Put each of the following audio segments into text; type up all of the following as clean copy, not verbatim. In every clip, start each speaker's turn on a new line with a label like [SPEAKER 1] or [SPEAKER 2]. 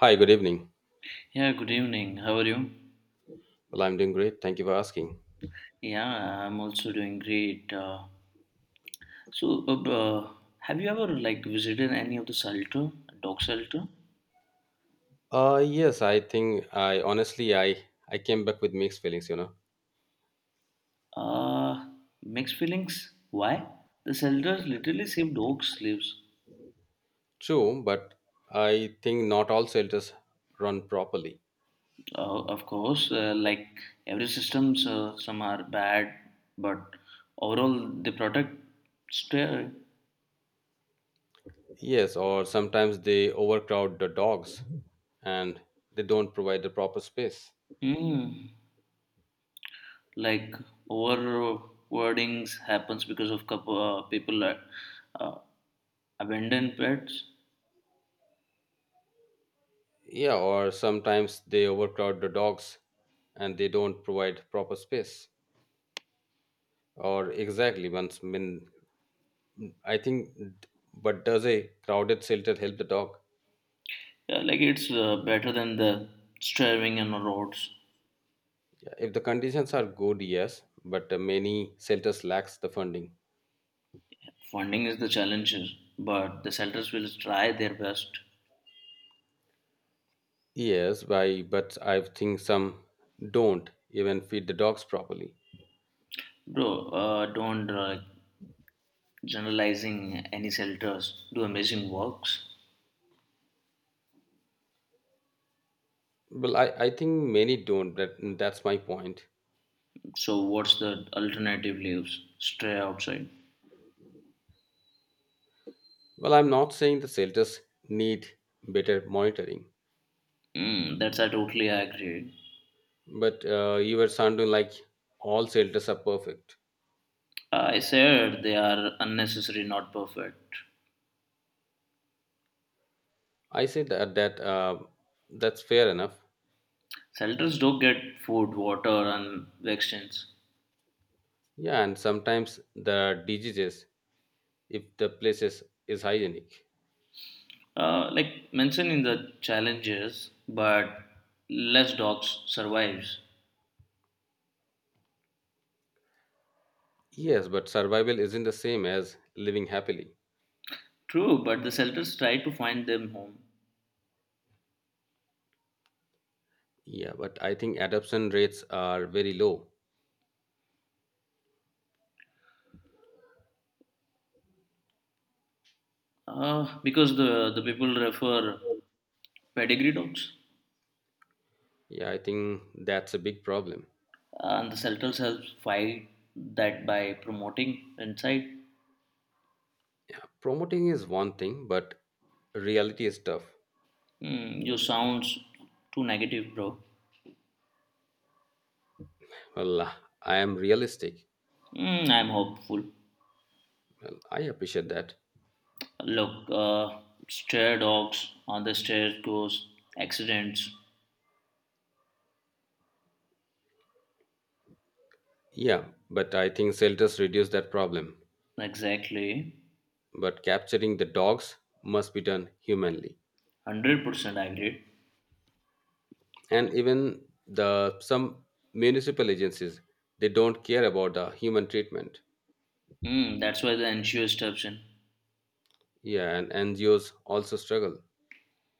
[SPEAKER 1] Hi, good evening.
[SPEAKER 2] Yeah, good evening. How are you?
[SPEAKER 1] Well, I'm doing great. Thank you for asking.
[SPEAKER 2] Yeah, I'm also doing great. So, uh, uh, have you ever visited any of the shelter, dog shelter?
[SPEAKER 1] Yes, I think I honestly I came back with mixed feelings.
[SPEAKER 2] Uh, Mixed feelings. Why? The shelters literally save dogs' lives.
[SPEAKER 1] True, but I think not all shelters run properly.
[SPEAKER 2] Of course, like every systems, some are bad, but overall they protect stray.
[SPEAKER 1] Yes, or sometimes they overcrowd the dogs and they don't provide the proper space.
[SPEAKER 2] Mm. like Overwordings happens because of couple, people uh, abandon pets.
[SPEAKER 1] Yeah, or sometimes they overcrowd the dogs and they don't provide proper space. Or exactly once I mean I think but does a crowded shelter help the dog?
[SPEAKER 2] Yeah, like it's better than the starving on the roads.
[SPEAKER 1] If the conditions are good, yes, but many shelters lacks the funding.
[SPEAKER 2] Funding is the challenge, but the shelters will try their best.
[SPEAKER 1] Yes, why? But I think some don't even feed the dogs properly.
[SPEAKER 2] Bro, don't generalizing any shelters. Do amazing works.
[SPEAKER 1] Well, I think many don't. That's my point.
[SPEAKER 2] So what's the alternative? Leaves stray outside.
[SPEAKER 1] Well, I'm not saying the shelters need better monitoring,
[SPEAKER 2] Mm, that's I totally agree.
[SPEAKER 1] but you were sounding like all shelters are perfect.
[SPEAKER 2] I said they are unnecessary, not perfect.
[SPEAKER 1] I said that that's fair enough.
[SPEAKER 2] Shelters do get food, water, and vaccines.
[SPEAKER 1] Yeah, and sometimes the diseases if the places is hygienic.
[SPEAKER 2] Like mentioned in the challenges, but less dogs survives.
[SPEAKER 1] Yes, but survival isn't the same as living happily.
[SPEAKER 2] True, but the shelters try to find them home
[SPEAKER 1] Yeah, but I think adoption rates are very low.
[SPEAKER 2] because the people refer pedigree dogs,
[SPEAKER 1] Yeah, I think that's a big problem.
[SPEAKER 2] and the shelters help fight that by promoting inside.
[SPEAKER 1] Promoting is one thing, but reality is tough.
[SPEAKER 2] Hmm, you sounds too negative, bro.
[SPEAKER 1] Well, I am realistic.
[SPEAKER 2] Mm, I'm hopeful.
[SPEAKER 1] Well, I appreciate that.
[SPEAKER 2] Look, stray dogs on the stairs goes accidents.
[SPEAKER 1] Yeah, but I think shelters reduce that problem.
[SPEAKER 2] Exactly.
[SPEAKER 1] But capturing the dogs must be done humanly.
[SPEAKER 2] 100% agreed.
[SPEAKER 1] And even the some municipal agencies, they don't care about the human treatment.
[SPEAKER 2] Mm, that's why the NCO steps in.
[SPEAKER 1] Yeah, and NGOs also struggle.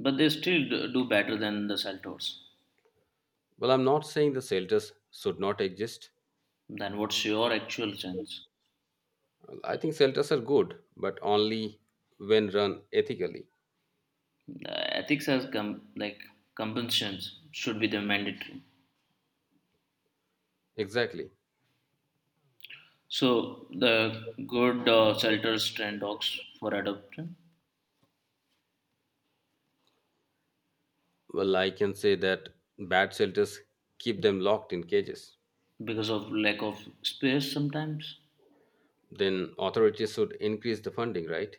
[SPEAKER 2] But they still do better than the Saltors.
[SPEAKER 1] Well, I'm not saying the shelters should not exist.
[SPEAKER 2] Then what's your actual chance?
[SPEAKER 1] I think shelters are good, but only when run ethically.
[SPEAKER 2] The ethics as like compensations should be the mandatory.
[SPEAKER 1] Exactly.
[SPEAKER 2] So the good shelters train dogs for adoption
[SPEAKER 1] Well, I can say that bad shelters keep them locked in cages.
[SPEAKER 2] because of lack of space sometimes.
[SPEAKER 1] Then authorities should increase the funding, right?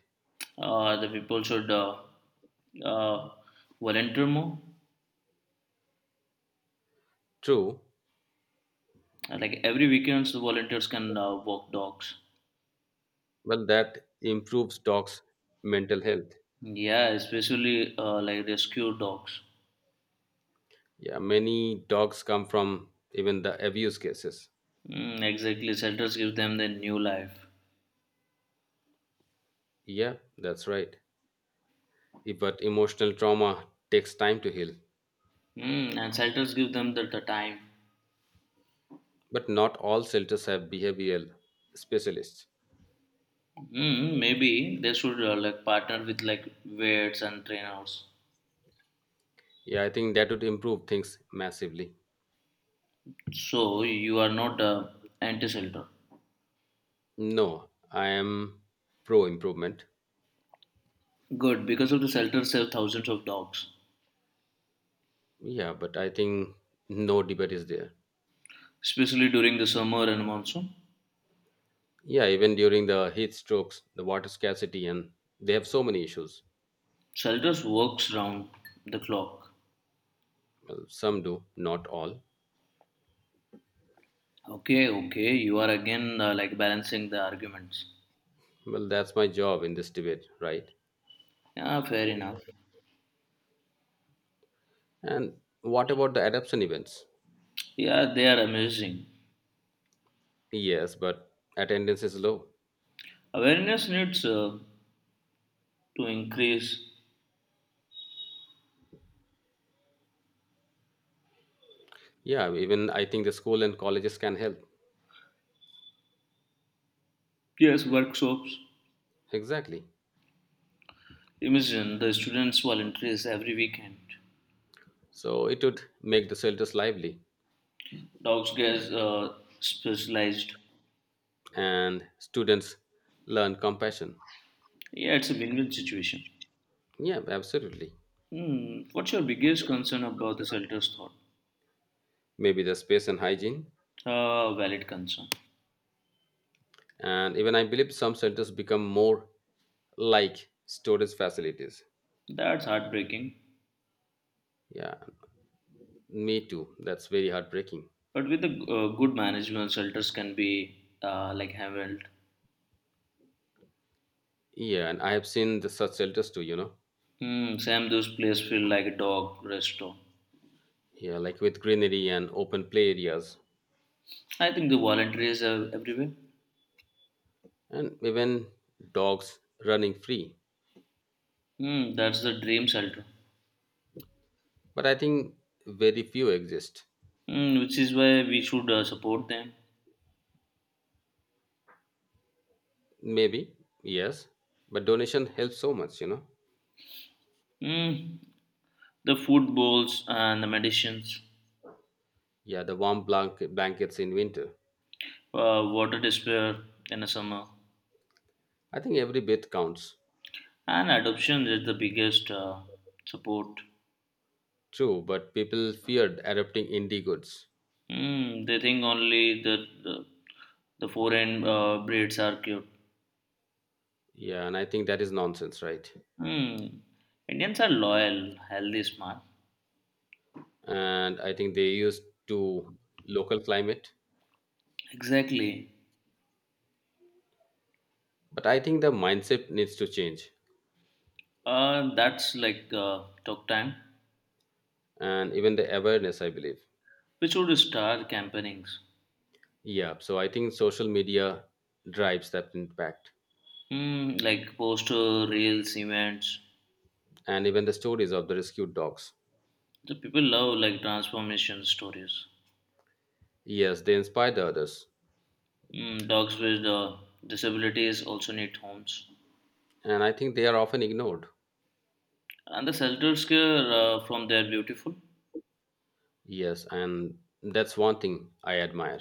[SPEAKER 2] The people should uh, volunteer more.
[SPEAKER 1] True.
[SPEAKER 2] Like every weekends, the volunteers can walk dogs.
[SPEAKER 1] Well, that improves dogs' mental health.
[SPEAKER 2] Yeah, especially like rescue dogs.
[SPEAKER 1] Yeah, many dogs come from even the abuse cases.
[SPEAKER 2] Mm, exactly, shelters give them the new life.
[SPEAKER 1] Yeah, that's right. But emotional trauma takes time to heal.
[SPEAKER 2] Mm, and shelters give them the time.
[SPEAKER 1] But not all shelters have behavioral specialists.
[SPEAKER 2] Mm, maybe they should like partner with like vets and trainers.
[SPEAKER 1] Yeah, I think that would improve things massively.
[SPEAKER 2] So you are not anti-shelter.
[SPEAKER 1] No, I am pro improvement.
[SPEAKER 2] Good, because of the shelters save thousands of dogs,
[SPEAKER 1] Yeah, but I think no debate is there.
[SPEAKER 2] especially during the summer and monsoon.
[SPEAKER 1] Yeah, even during the heat strokes, the water scarcity, and they have so many issues.
[SPEAKER 2] Shelters works round the clock.
[SPEAKER 1] Well, some do, not all.
[SPEAKER 2] Okay, okay, you are again like balancing the arguments.
[SPEAKER 1] Well, that's my job in this debate, right?
[SPEAKER 2] Yeah, fair enough.
[SPEAKER 1] And what about the adoption events?
[SPEAKER 2] Yeah, they are amazing.
[SPEAKER 1] Yes, but attendance is low.
[SPEAKER 2] Awareness needs to increase.
[SPEAKER 1] Yeah, even I think the school and colleges can help.
[SPEAKER 2] Yes, workshops.
[SPEAKER 1] Exactly.
[SPEAKER 2] Imagine the students volunteers every weekend.
[SPEAKER 1] So it would make the shelters lively
[SPEAKER 2] Dogs gets specialized.
[SPEAKER 1] and students learn compassion.
[SPEAKER 2] Yeah, it's a win-win situation.
[SPEAKER 1] Yeah, absolutely.
[SPEAKER 2] Hmm. What's your biggest concern about the shelter's thought?
[SPEAKER 1] Maybe the space and hygiene.
[SPEAKER 2] Valid concern.
[SPEAKER 1] And even I believe some shelters become more like storage facilities.
[SPEAKER 2] That's heartbreaking.
[SPEAKER 1] Yeah, me too. That's very heartbreaking.
[SPEAKER 2] But with the good management, shelters can be like handled.
[SPEAKER 1] Yeah, and I have seen the such shelters too.
[SPEAKER 2] Hmm. Sam, those places feel like a dog resto.
[SPEAKER 1] Yeah, like with greenery and open play areas
[SPEAKER 2] I think the volunteers are everywhere.
[SPEAKER 1] and even dogs running free.
[SPEAKER 2] Hmm. That's the dream shelter.
[SPEAKER 1] But I think very few exist.
[SPEAKER 2] Mm, which is why we should support them.
[SPEAKER 1] Maybe, yes. But donation helps so much.
[SPEAKER 2] Mm, the food bowls and the medicines,
[SPEAKER 1] Yeah, the warm blankets in winter.
[SPEAKER 2] water despair in the summer,
[SPEAKER 1] I think every bit counts.
[SPEAKER 2] and adoption is the biggest support.
[SPEAKER 1] True, but people feared adopting indie goods.
[SPEAKER 2] Mm, they think only the foreign breeds are cute.
[SPEAKER 1] Yeah, and I think that is nonsense, right?
[SPEAKER 2] Mm, Indians are loyal, healthy, smart.
[SPEAKER 1] And I think they used to local climate.
[SPEAKER 2] Exactly.
[SPEAKER 1] But I think the mindset needs to change
[SPEAKER 2] That's like talk time.
[SPEAKER 1] and even the awareness, I believe.
[SPEAKER 2] We should start campaignings.
[SPEAKER 1] Yeah, so I think social media drives that impact.
[SPEAKER 2] Mm, like poster, reels, events.
[SPEAKER 1] And even the stories of the rescued dogs.
[SPEAKER 2] The people love like transformation stories.
[SPEAKER 1] Yes, they inspire the others.
[SPEAKER 2] Mm, dogs with disabilities also need homes,
[SPEAKER 1] And I think they are often ignored.
[SPEAKER 2] and the shelters care from their beautiful.
[SPEAKER 1] Yes, and that's one thing I admire.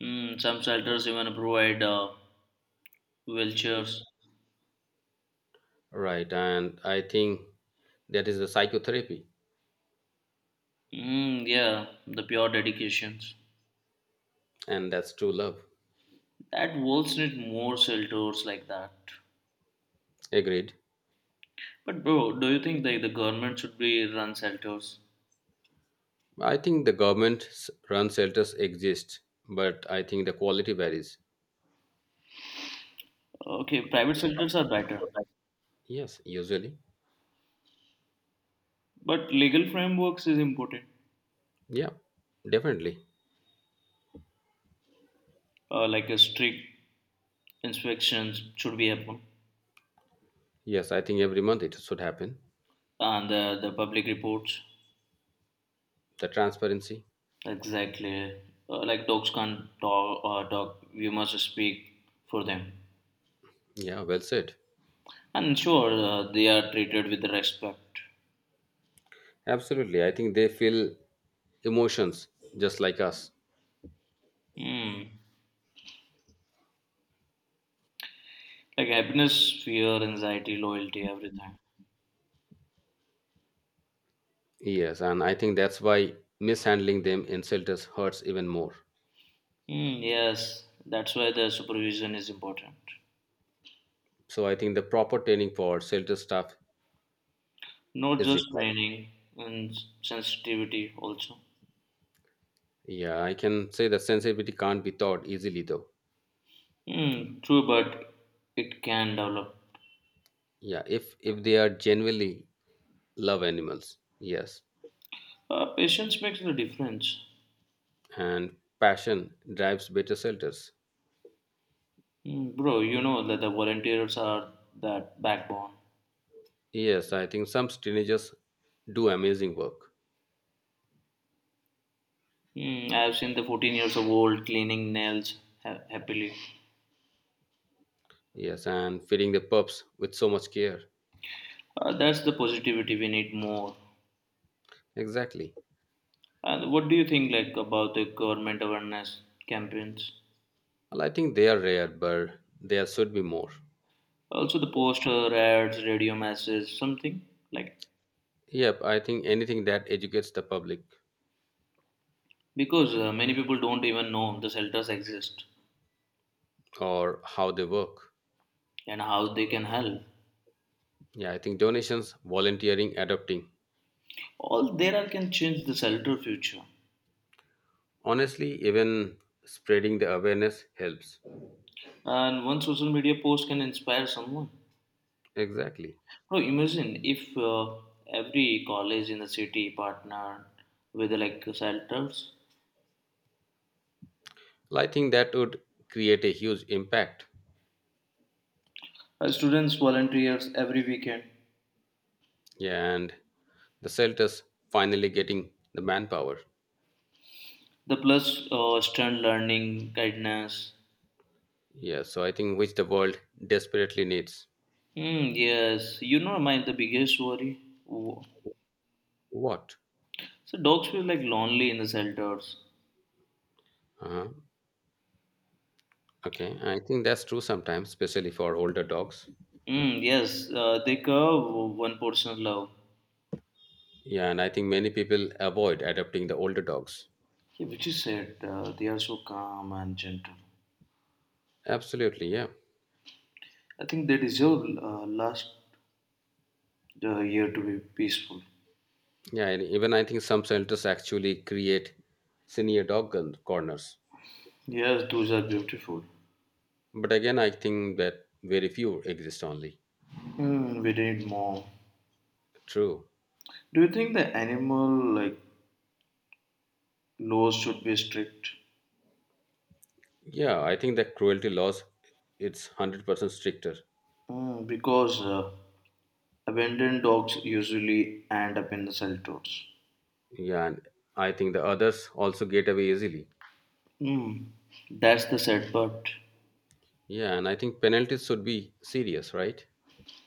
[SPEAKER 2] Mm, some shelters even provide wheelchairs.
[SPEAKER 1] Right, and I think that is the psychotherapy,
[SPEAKER 2] Mm, yeah, the pure dedications.
[SPEAKER 1] and that's true love.
[SPEAKER 2] That worlds need more shelters like that.
[SPEAKER 1] Agreed.
[SPEAKER 2] But bro, do you think that the government should be run shelters?
[SPEAKER 1] I think the run shelters exist, but I think the quality varies.
[SPEAKER 2] Okay, private shelters are better,
[SPEAKER 1] Yes, usually.
[SPEAKER 2] but legal frameworks is important.
[SPEAKER 1] Yeah, definitely.
[SPEAKER 2] Like a strict inspections should be happen.
[SPEAKER 1] Yes, I think every month it should happen.
[SPEAKER 2] And the public reports
[SPEAKER 1] The transparency.
[SPEAKER 2] exactly like dogs can't talk or talk. We must speak for them
[SPEAKER 1] Yeah, well said.
[SPEAKER 2] and sure they are treated with respect.
[SPEAKER 1] Absolutely. I think they feel emotions just like us.
[SPEAKER 2] Hmm. Like happiness fear anxiety loyalty everything.
[SPEAKER 1] Yes, and I think that's why mishandling them in shelters hurts even more.
[SPEAKER 2] Hmm. Yes, that's why the supervision is important,
[SPEAKER 1] So I think the proper training for shelter staff
[SPEAKER 2] not
[SPEAKER 1] is
[SPEAKER 2] just
[SPEAKER 1] required.
[SPEAKER 2] training and sensitivity also.
[SPEAKER 1] Yeah, I can say that sensitivity can't be taught easily though.
[SPEAKER 2] Hmm. True, but it can develop.
[SPEAKER 1] Yeah, if they are genuinely love animals, yes,
[SPEAKER 2] Patience makes the difference.
[SPEAKER 1] and passion drives better shelters.
[SPEAKER 2] Mm, bro, you know that the volunteers are that backbone.
[SPEAKER 1] Yes, I think some teenagers do amazing work.
[SPEAKER 2] Mm, I have seen the 14 years of old cleaning nails happily.
[SPEAKER 1] Yes, and feeding the pups with so much care.
[SPEAKER 2] That's the positivity we need more.
[SPEAKER 1] Exactly.
[SPEAKER 2] And what do you think like about the government awareness campaigns?
[SPEAKER 1] Well, I think they are rare, but there should be more.
[SPEAKER 2] Also the poster ads, radio messages, something like,
[SPEAKER 1] Yep, I think anything that educates the public
[SPEAKER 2] because many people don't even know the shelters exist
[SPEAKER 1] or how they work.
[SPEAKER 2] and how they can help.
[SPEAKER 1] Yeah, I think donations, volunteering, adopting.
[SPEAKER 2] All there are can change the shelter future.
[SPEAKER 1] Honestly, even spreading the awareness helps.
[SPEAKER 2] And one social media post can inspire someone.
[SPEAKER 1] Exactly.
[SPEAKER 2] Oh, imagine if every college in the city partnered with like shelters.
[SPEAKER 1] Well, I think that would create a huge impact.
[SPEAKER 2] Students volunteers every weekend.
[SPEAKER 1] Yeah, and the shelters finally getting the manpower.
[SPEAKER 2] The plus student learning guidance.
[SPEAKER 1] Yeah, so I think which the world desperately needs.
[SPEAKER 2] Hmm. Yes, you know my the biggest worry. wo-
[SPEAKER 1] What?
[SPEAKER 2] So dogs feel like lonely in the shelters.
[SPEAKER 1] Uh-huh. Okay, I think that's true sometimes, especially for older dogs.
[SPEAKER 2] Hmm. Yes, they curve one person's love.
[SPEAKER 1] Yeah, and I think many people avoid adopting the older dogs.
[SPEAKER 2] Yeah, which is sad. They are so calm and gentle.
[SPEAKER 1] Absolutely, yeah.
[SPEAKER 2] I think they deserve last year to be peaceful.
[SPEAKER 1] Yeah, and even I think some centers actually create senior dog corners.
[SPEAKER 2] Yes, those are beautiful.
[SPEAKER 1] But again, I think that very few exist only.
[SPEAKER 2] Hmm, we need more.
[SPEAKER 1] True.
[SPEAKER 2] Do you think the animal like laws should be strict?
[SPEAKER 1] Yeah, I think that cruelty laws, it's 100% stricter.
[SPEAKER 2] Hmm, because abandoned dogs usually end up in the cell tours.
[SPEAKER 1] Yeah, and I think the others also get away easily.
[SPEAKER 2] Hmm, that's the sad part.
[SPEAKER 1] Yeah, and I think penalties should be serious, right?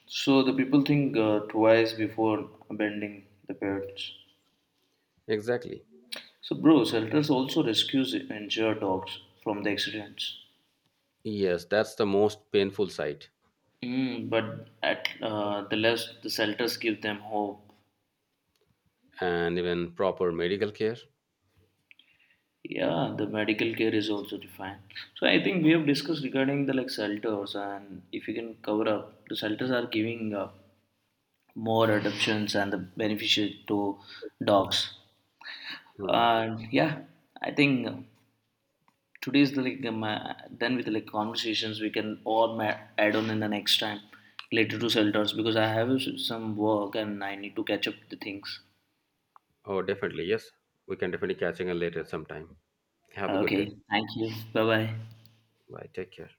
[SPEAKER 2] So the people think twice before abandoning the pets.
[SPEAKER 1] Exactly.
[SPEAKER 2] So, bro, shelters also rescues injured dogs from the accidents.
[SPEAKER 1] Yes, that's the most painful side.
[SPEAKER 2] Mm, but at the less the shelters give them hope.
[SPEAKER 1] And even proper medical care.
[SPEAKER 2] Yeah, the medical care is also defined. So I think we have discussed regarding the like shelters, and if you can cover up, the shelters are giving more adoptions and the benefit to dogs.
[SPEAKER 1] Mhm.
[SPEAKER 2] And yeah, I think today's the like then with the like conversations we can all add on in the next time related to shelters because I have some work and I need to catch up the things.
[SPEAKER 1] Oh, definitely. Yes, we can definitely catching up later sometime. Have a good
[SPEAKER 2] Okay,
[SPEAKER 1] day.
[SPEAKER 2] thank you. Bye bye.
[SPEAKER 1] Bye. Take care.